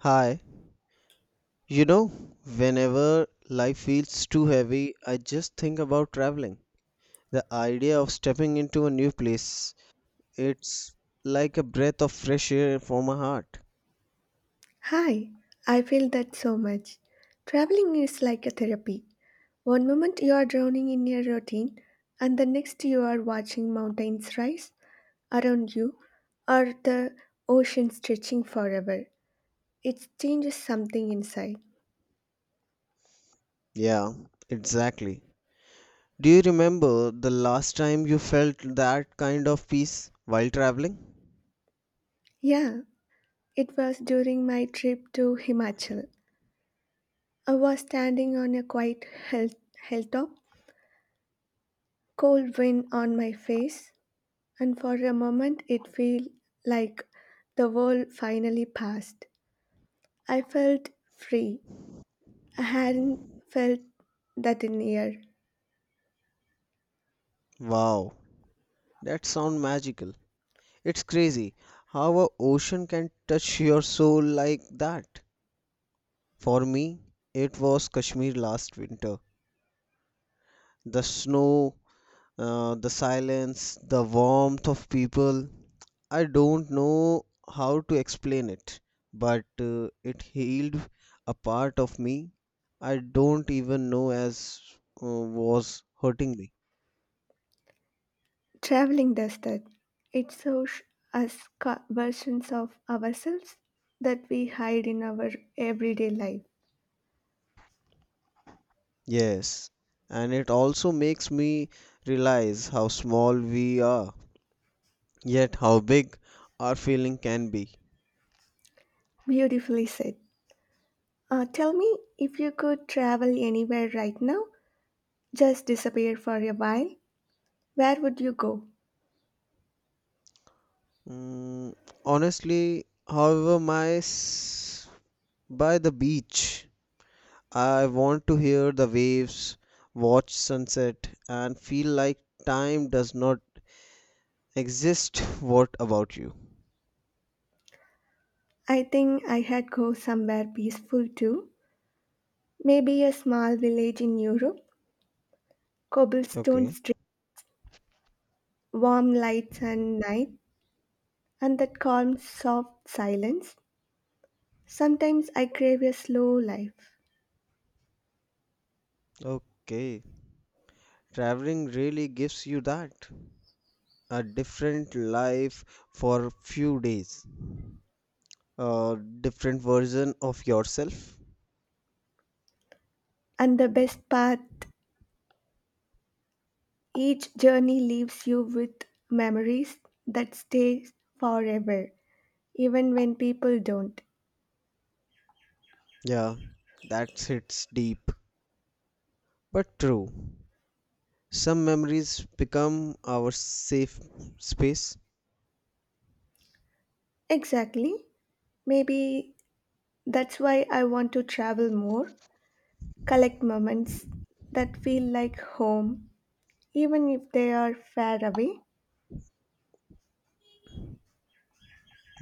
Hi, you know, whenever life feels too heavy, I just think about traveling. The idea of stepping into a new place, it's like a breath of fresh air for my heart. Hi, I feel that so much. Traveling is like a therapy. One moment you are drowning in your routine, and the next you are watching mountains rise around you or the ocean stretching forever. It changes something inside. Yeah, exactly. Do you remember the last time you felt that kind of peace while traveling? Yeah, it was during my trip to Himachal. I was standing on a quiet hilltop, cold wind on my face, and for a moment it felt like the world finally passed. I felt free. I hadn't felt that in years. Wow, that sounds magical. It's crazy how a ocean can touch your soul like that. For me, it was Kashmir last winter. The snow, the silence, the warmth of people. I don't know how to explain it, but it healed a part of me I don't even know as was hurting me. Traveling does that. It shows us versions of ourselves that we hide in our everyday life. Yes, and it also makes me realize how small we are, yet how big our feeling can be. Beautifully said. Tell me, if you could travel anywhere right now, just disappear for a while, where would you go? Mm, Honestly, however, by the beach. I want to hear the waves, watch sunset, and feel like time does not exist. What about you? I think I had go somewhere peaceful too. Maybe a small village in Europe, cobblestone Okay. street, warm lights and night, and that calm, soft silence. Sometimes I crave a slow life. Okay. Traveling really gives you that a different life for few days, a different version of yourself. And the best part, each journey leaves you with memories that stay forever, even when people don't. Yeah, that hits deep, but true. Some memories become our safe space. Exactly. Maybe that's why I want to travel more, collect moments that feel like home, even if they are far away.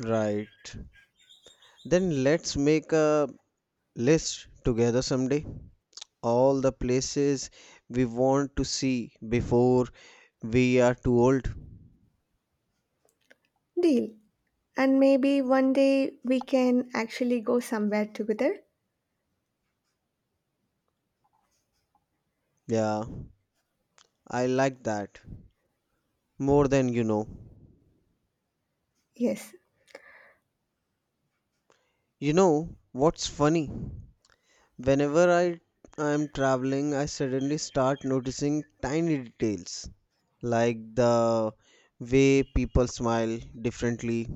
Right. Then let's make a list together someday all the places we want to see before we are too old. Deal. And maybe one day we can actually go somewhere together. Yeah, I like that more than you know. Yes, You know what's funny? Whenever I am traveling, I suddenly start noticing tiny details like the way people smile differently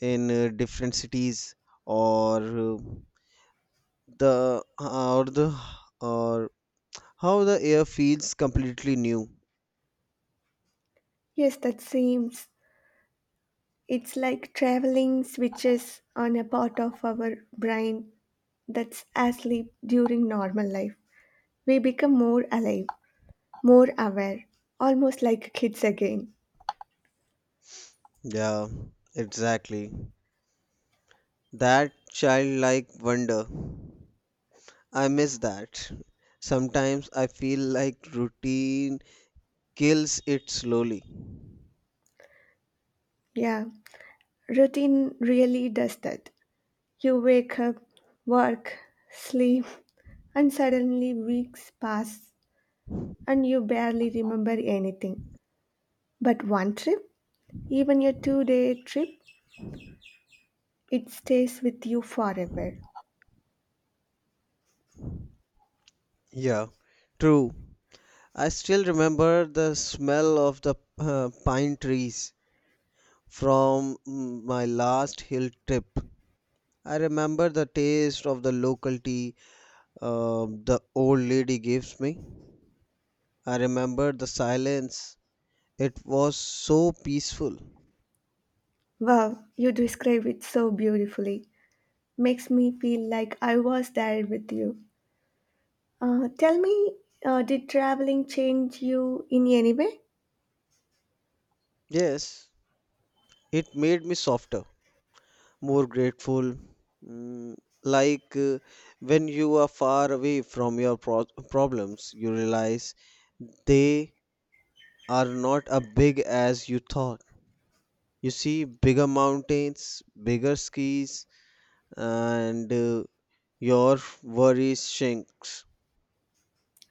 in different cities or the or the or how the air feels completely new. Yes, that seems. It's like traveling switches on a part of our brain that's asleep during normal life. We become more alive, more aware, almost like kids again. Yeah, exactly. That childlike wonder. I miss that. Sometimes I feel like routine kills it slowly. Yeah, routine really does that. You wake up, work, sleep, and suddenly weeks pass and you barely remember anything. But one trip, even a 2-day trip, it stays with you forever. Yeah, true. I still remember the smell of the pine trees from my last hill trip. I remember the taste of the local tea the old lady gives me. I remember the silence. It was so peaceful. Wow, you describe it so beautifully. Makes me feel like I was there with you. Tell me, did traveling change you in any way? Yes, it made me softer, more grateful. Mm, like when you are far away from your problems, you realize they are not as big as you thought. You see bigger mountains, bigger skis, and your worries shrinks.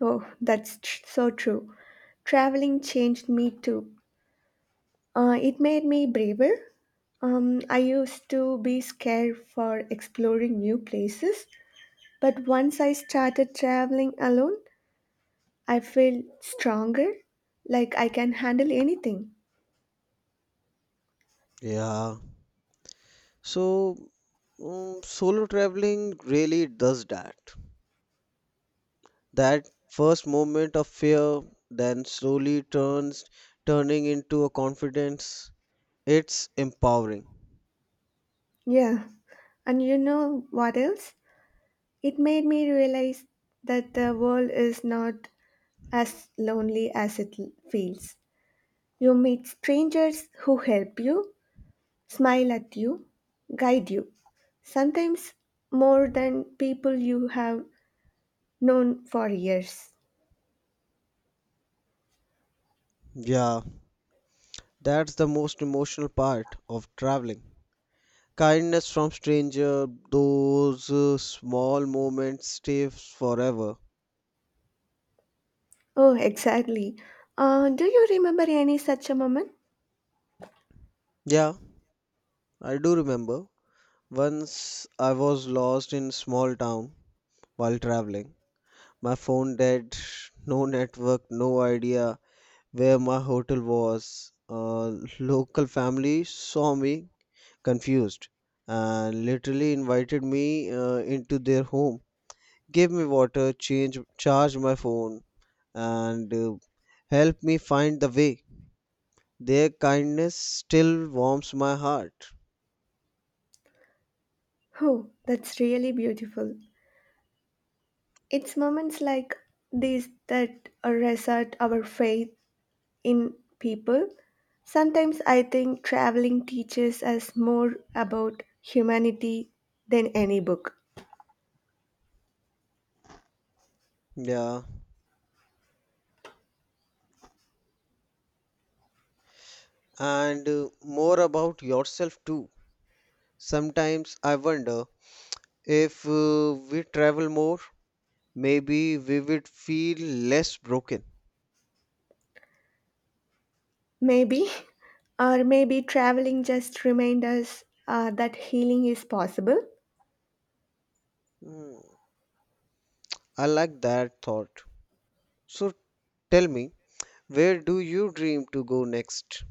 Oh, that's so true. Traveling changed me too. It made me braver. I used to be scared for exploring new places, but once I started traveling alone, I felt stronger, like I can handle anything. Yeah. So, solo traveling really does that. That first moment of fear then slowly turns turning into a confidence. It's empowering. Yeah, and you know what else? It made me realize that the world is not as lonely as it feels. You meet strangers who help you, smile at you, guide you, sometimes more than people you have known for years. Yeah, that's the most emotional part of traveling. Kindness from stranger, those small moments stay forever. Oh, exactly. Do you remember any such a moment? Yeah, I do remember. Once I was lost in small town while traveling. My phone dead, no network, no idea where my hotel was, a local family saw me confused and literally invited me into their home, gave me water, change, charged my phone, and helped me find the way. Their kindness still warms my heart. Oh, that's really beautiful. It's moments like these that reset our faith in people. Sometimes I think traveling teaches us more about humanity than any book. Yeah, and more about yourself too. Sometimes I wonder if we travel more, maybe we would feel less broken. Maybe, or maybe traveling just reminds us that healing is possible. Hmm. I like that thought. So tell me, where do you dream to go next?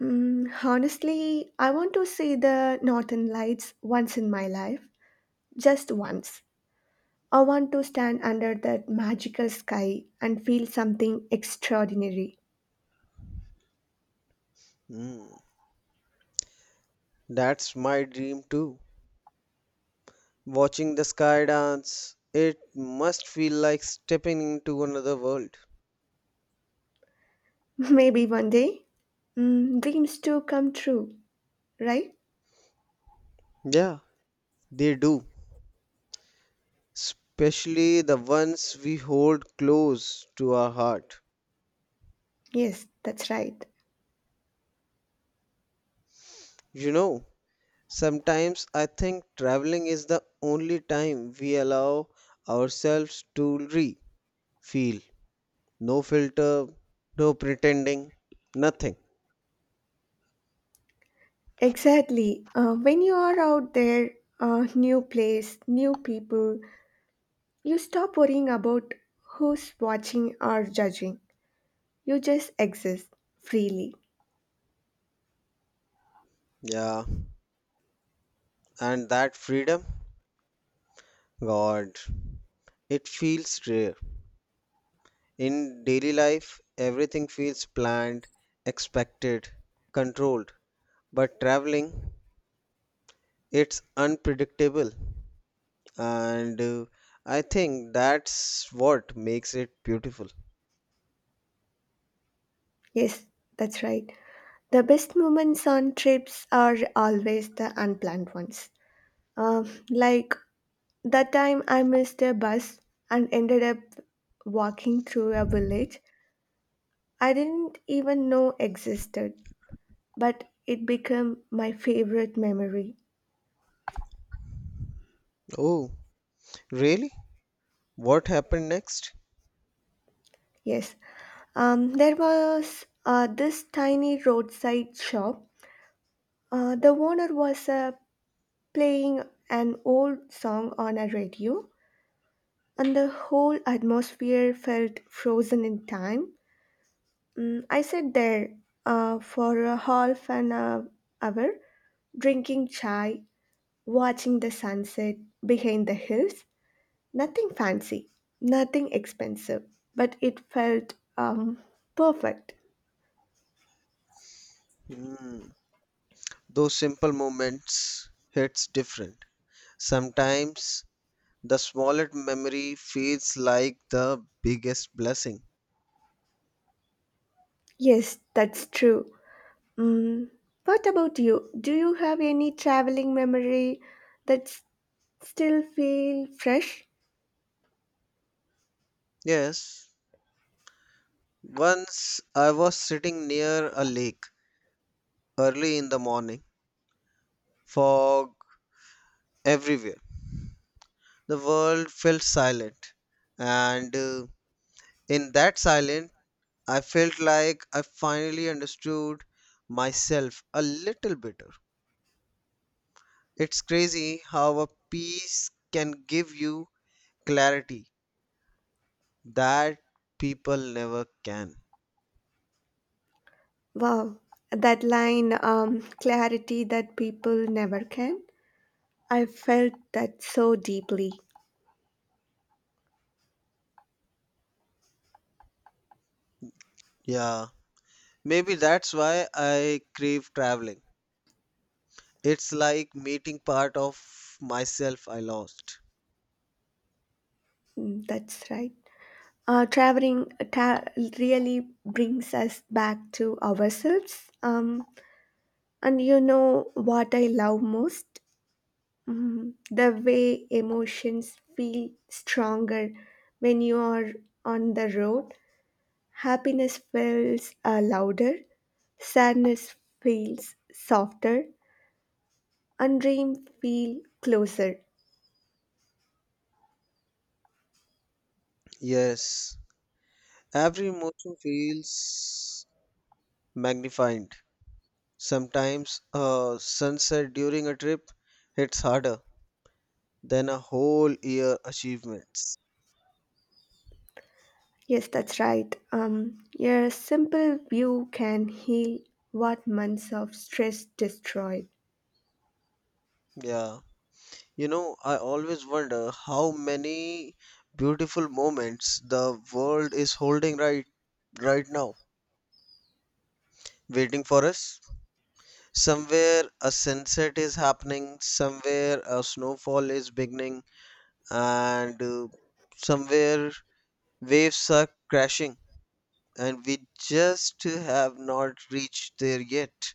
Honestly, I want to see the northern lights once in my life, just once. I want to stand under that magical sky and feel something extraordinary. Hmm, that's my dream too. Watching the sky dance, it must feel like stepping into another world. Maybe one day, dreams too come true, right? Yeah, they do. Especially the ones we hold close to our heart. Yes, that's right. You know, sometimes I think traveling is the only time we allow ourselves to re feel. No filter, no pretending, nothing. Exactly. When you are out there, new place, new people, you stop worrying about who's watching or judging. You just exist freely. Yeah, and that freedom, God, it feels rare. In daily life, everything feels planned, expected, controlled. But traveling, it's unpredictable. And I think that's what makes it beautiful. Yes, that's right. The best moments on trips are always the unplanned ones. Like that time I missed a bus and ended up walking through a village I didn't even know existed, but it became my favorite memory. Oh, really? What happened next? Yes, there was this tiny roadside shop. The owner was playing an old song on a radio, and the whole atmosphere felt frozen in time. I sat there for a half an hour, drinking chai, watching the sunset behind the hills. Nothing fancy, nothing expensive, but it felt perfect. Hmm. Those simple moments hits different. Sometimes the smallest memory feels like the biggest blessing. Yes, that's true. Mm, what about you? Do you have any traveling memory that still feel fresh? Yes, once I was sitting near a lake early in the morning, fog everywhere. The world felt silent, and in that silence, I felt like I finally understood myself a little better. It's crazy how a peace can give you clarity that people never can. Wow, that line, clarity that people never can. I felt that so deeply. Yeah. Maybe that's why I crave traveling. It's like meeting part of myself I lost. That's right. Traveling really brings us back to ourselves. And you know what I love most? The way emotions feel stronger when you are on the road. Happiness feels louder, sadness feels softer, and dream feel closer. Yes, every emotion feels magnified. Sometimes a sunset during a trip hits harder than a whole year achievements. Yes, that's right. Your simple view can heal what months of stress destroyed. Yeah. You know, I always wonder how many beautiful moments the world is holding right now waiting for us. Somewhere a sunset is happening, somewhere a snowfall is beginning, and somewhere waves are crashing, and we just have not reached there yet.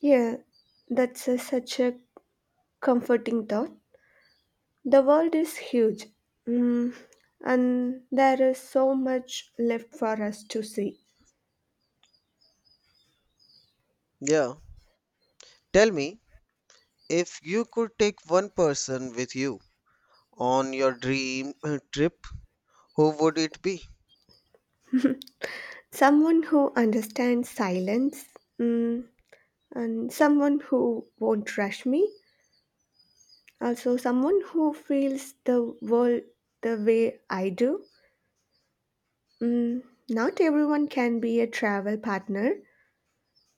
Yeah, that's such a comforting thought. The world is huge, mm, and there is so much left for us to see. Yeah. Tell me, if you could take one person with you on your dream trip, who would it be? Someone who understands silence, mm, and someone who won't rush me. Also, someone who feels the world the way I do. Mm, Not everyone can be a travel partner,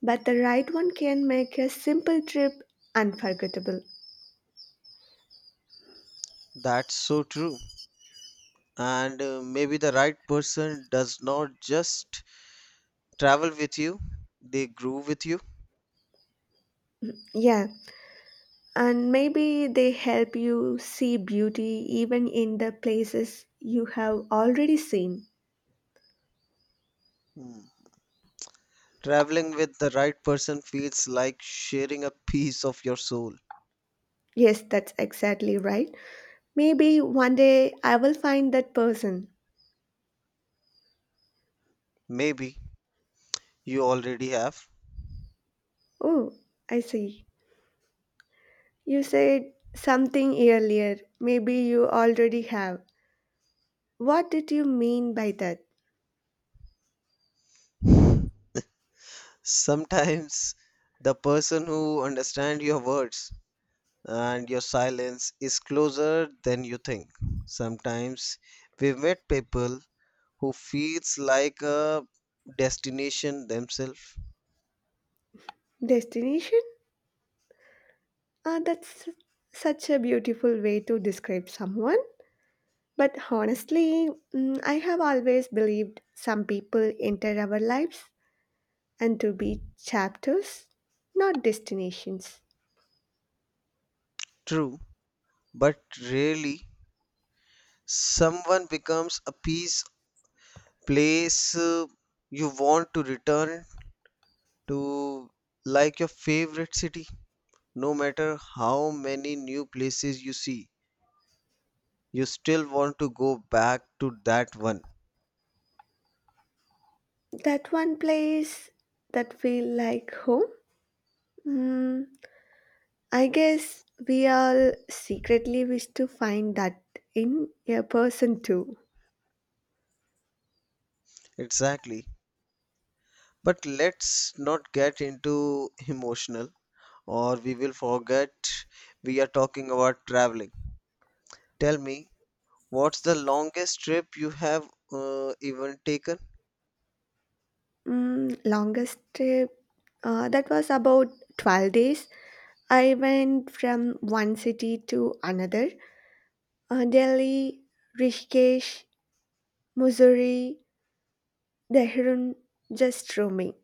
but the right one can make a simple trip unforgettable. That's so true. And maybe the right person does not just travel with you, they grew with you. Yeah, and maybe they help you see beauty even in the places you have already seen. Hmm. Traveling with the right person feels like sharing a piece of your soul. Yes, that's exactly right. Maybe one day I will find that person. Maybe you already have. Oh, I see. You said something earlier. Maybe you already have. What did you mean by that? Sometimes the person who understands your words and your silence is closer than you think. Sometimes we meet people who feels like a destination themselves. Destination? Ah, that's such a beautiful way to describe someone. But honestly, I have always believed some people enter our lives and to be chapters, not destinations. True, but rarely someone becomes a piece place you want to return to like your favorite city. No matter how many new places you see, you still want to go back to that one. That one place that feel like home. Hmm, I guess we all secretly wish to find that in a person too. Exactly. But let's not get into emotional or we will forget we are talking about traveling. Tell me, what's the longest trip you have even taken? Longest trip, that was about 12 days. I went from one city to another, Delhi, Rishikesh, Missouri, Dehradun, just roaming,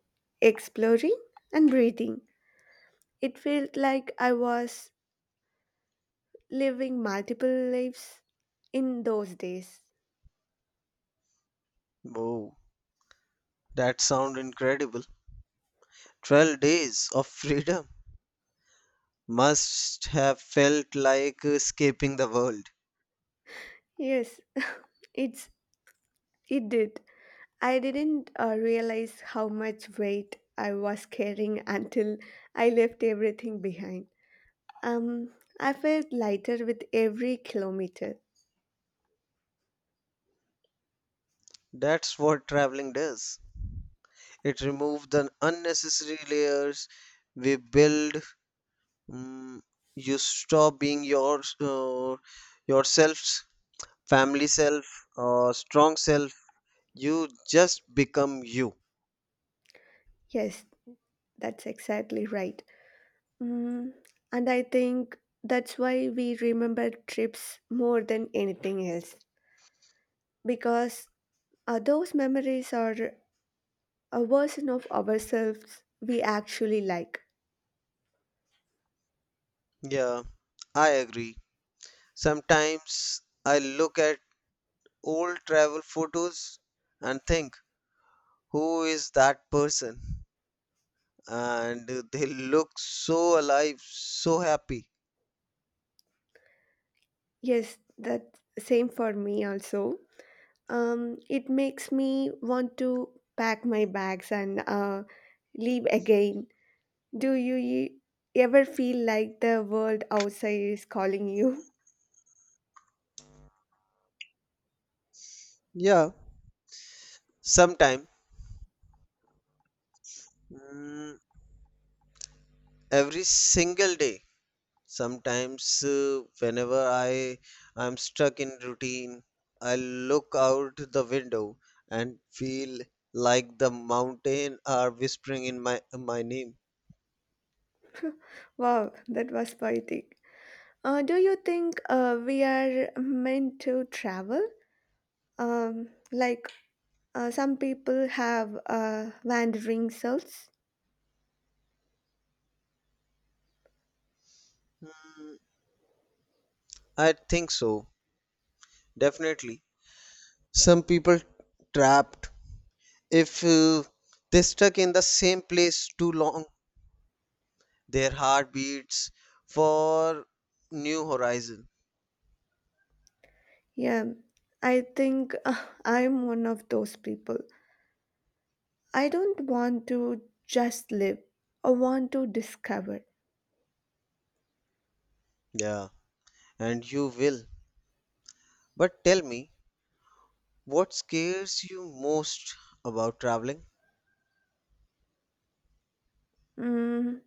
exploring, and breathing. It felt like I was living multiple lives in those days. Oh, that sounds incredible. 12 days of freedom must have felt like escaping the world. Yes, it's it did. I didn't realize how much weight I was carrying until I left everything behind. Um, I felt lighter with every kilometer. That's what traveling does. It removes the unnecessary layers we build. Mm, you stop being your yourself, family self, or strong self. You just become you. Yes, that's exactly right. Mm, and I think that's why we remember trips more than anything else, because those memories are a version of ourselves we actually like. Yeah, I agree. Sometimes I look at old travel photos and think, who is that person? And they look so alive, so happy. Yes, that's same for me also. It makes me want to pack my bags and leave again. Do you ever feel like the world outside is calling you? Yeah, sometime. mm, every single day sometimes whenever I'm stuck in routine I look out the window and feel like the mountain are whispering in my name. Wow, that was poetic. Do you think, we are meant to travel? Like, some people have wandering souls? I think so, definitely. Some people trapped if uh, they stuck in the same place too long, their heart beats for new horizon. Yeah, I think, I'm one of those people. I don't want to just live, I want to discover. Yeah, and you will. But tell me, what scares you most about traveling? Mm,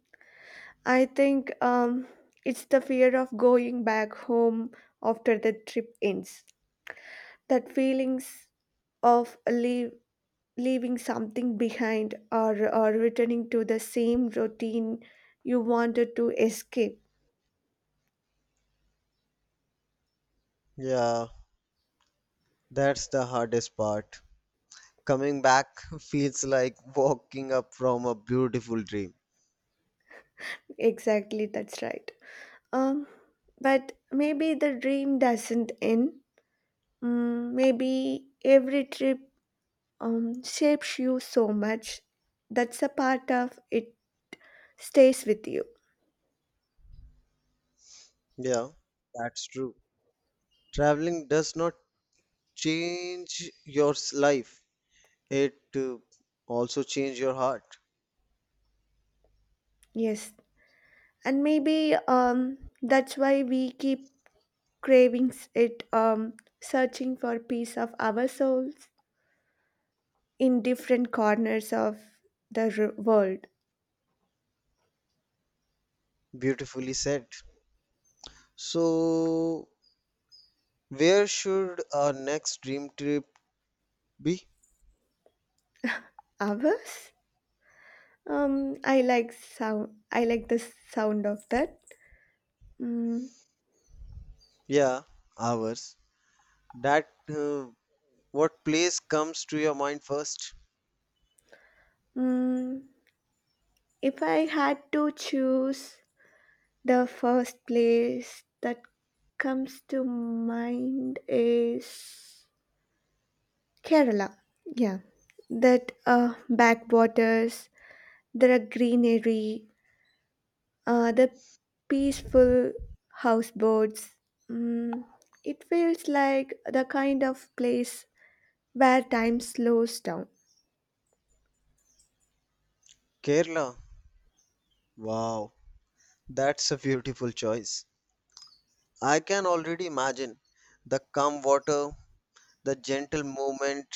I think it's the fear of going back home after the trip ends. That feelings of leaving something behind, or returning to the same routine you wanted to escape. Yeah, that's the hardest part. Coming back feels like walking up from a beautiful dream. Exactly, that's right. Um, but maybe the dream doesn't end. Maybe every trip shapes you so much. That's a part of it stays with you. Yeah, that's true. Traveling does not change your life, it also changes your heart. Yes, and maybe that's why we keep craving it, searching for peace of our souls in different corners of the world. Beautifully said. So, where should our next dream trip be? Ours. I like the sound of that. Mm, Yeah, ours. That what place comes to your mind first? mm. If I had to choose, the first place that comes to mind is Kerala. Yeah, that, backwaters, there are greenery, the peaceful houseboats. Mm, it feels like the kind of place where time slows down. Kerala. Wow, that's a beautiful choice. I can already imagine the calm water, the gentle movement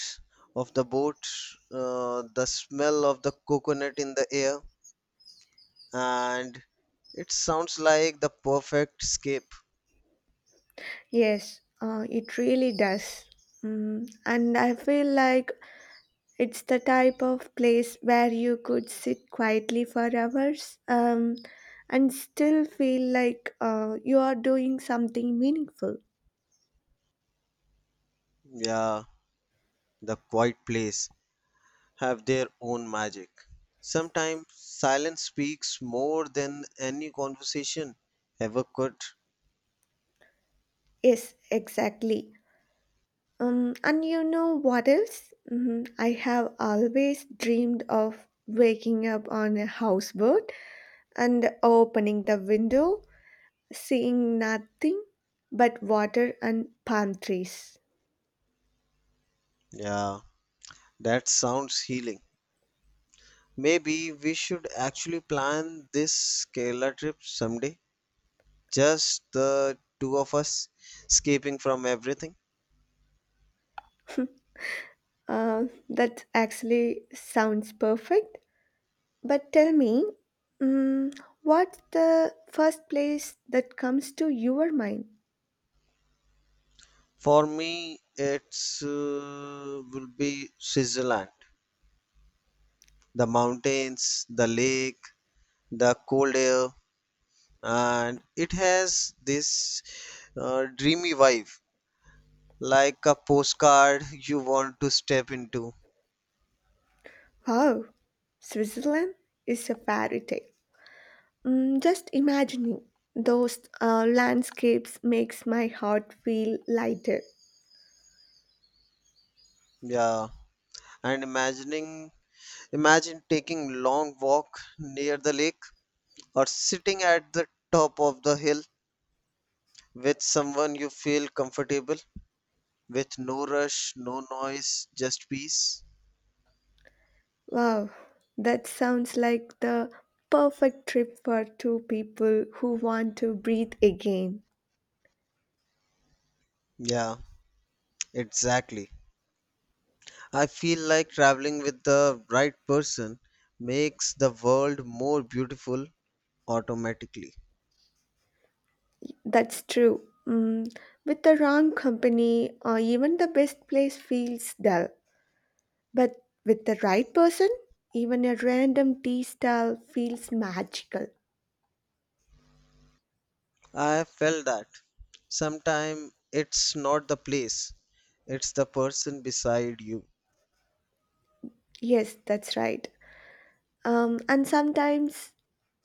of the boat, the smell of the coconut in the air, and it sounds like the perfect escape. Yes, it really does. And I feel like it's the type of place where you could sit quietly for hours, and still feel like, you are doing something meaningful. Yeah, the quiet place have their own magic. Sometimes silence speaks more than any conversation ever could. Yes, exactly. And you know what else? Mhm, I have always dreamed of waking up on a houseboat and opening the window, seeing nothing but water and palm trees. Yeah, that sounds healing. Maybe we should actually plan this Kerala trip someday. Just the two of us escaping from everything. Uh, that actually sounds perfect. But tell me, mm, what's the first place that comes to your mind? For me, it's will be Switzerland. The mountains, the lake, the cold air, and it has this dreamy vibe, like a postcard you want to step into. Wow, Switzerland is a fairy tale. Just imagining those landscapes makes my heart feel lighter. Yeah, and imagining imagine taking long walk near the lake or sitting at the top of the hill with someone you feel comfortable with, no rush, no noise, just peace. Wow, that sounds like the perfect trip for two people who want to breathe again. Yeah, exactly. I feel like traveling with the right person makes the world more beautiful automatically. That's true. With the wrong company, or even the best place feels dull. But with the right person, even a random tea stall feels magical. I have felt that. Sometimes it's not the place, it's the person beside you. Yes, that's right. And sometimes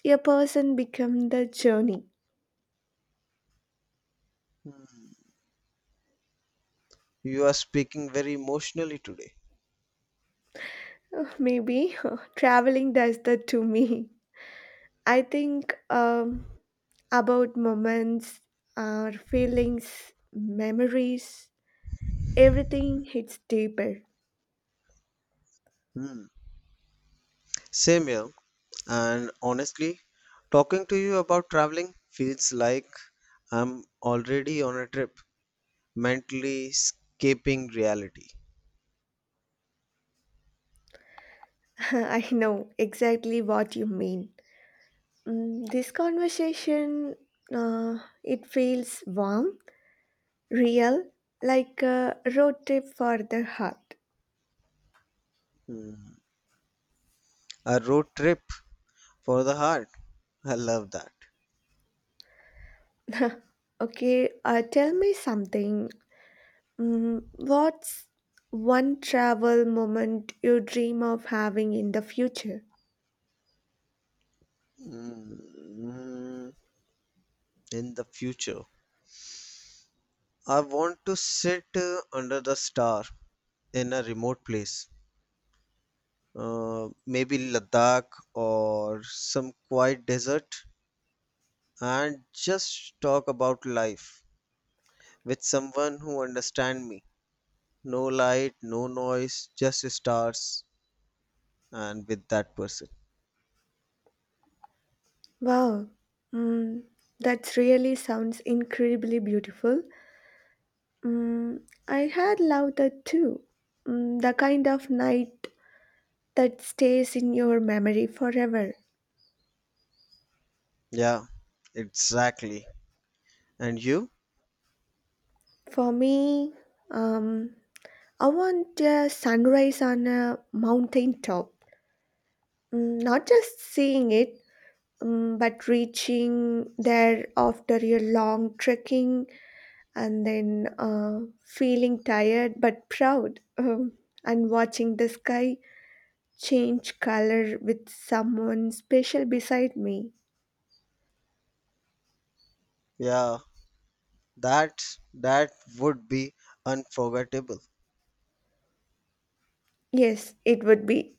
a person becomes the journey. You are speaking very emotionally today. Maybe traveling does that to me. I think about moments, our feelings, memories, everything hits deeper. Hmm. Same here. And honestly, talking to you about traveling feels like I'm already on a trip, mentally escaping reality. I know exactly what you mean. This conversation, it feels warm, real, like a road trip for the heart. Mm. A road trip for the heart. I love that. Okay, tell me something. What's one travel moment you dream of having in the future? Mm. In the future, I want to sit under the star in a remote place. Maybe Ladakh or some quiet desert and just talk about life with someone who understand me. No light, no noise, just stars and with that person. Wow, mm, that really sounds incredibly beautiful. Mm, I had loved that too. The kind of night that stays in your memory forever. Yeah, exactly. And you? For me, um, I want a sunrise on a mountain top. Not just seeing it, but reaching there after a long trekking and then, feeling tired but proud, and watching the sky change color with someone special beside me. Yeah, that that would be unforgettable. Yes, it would be.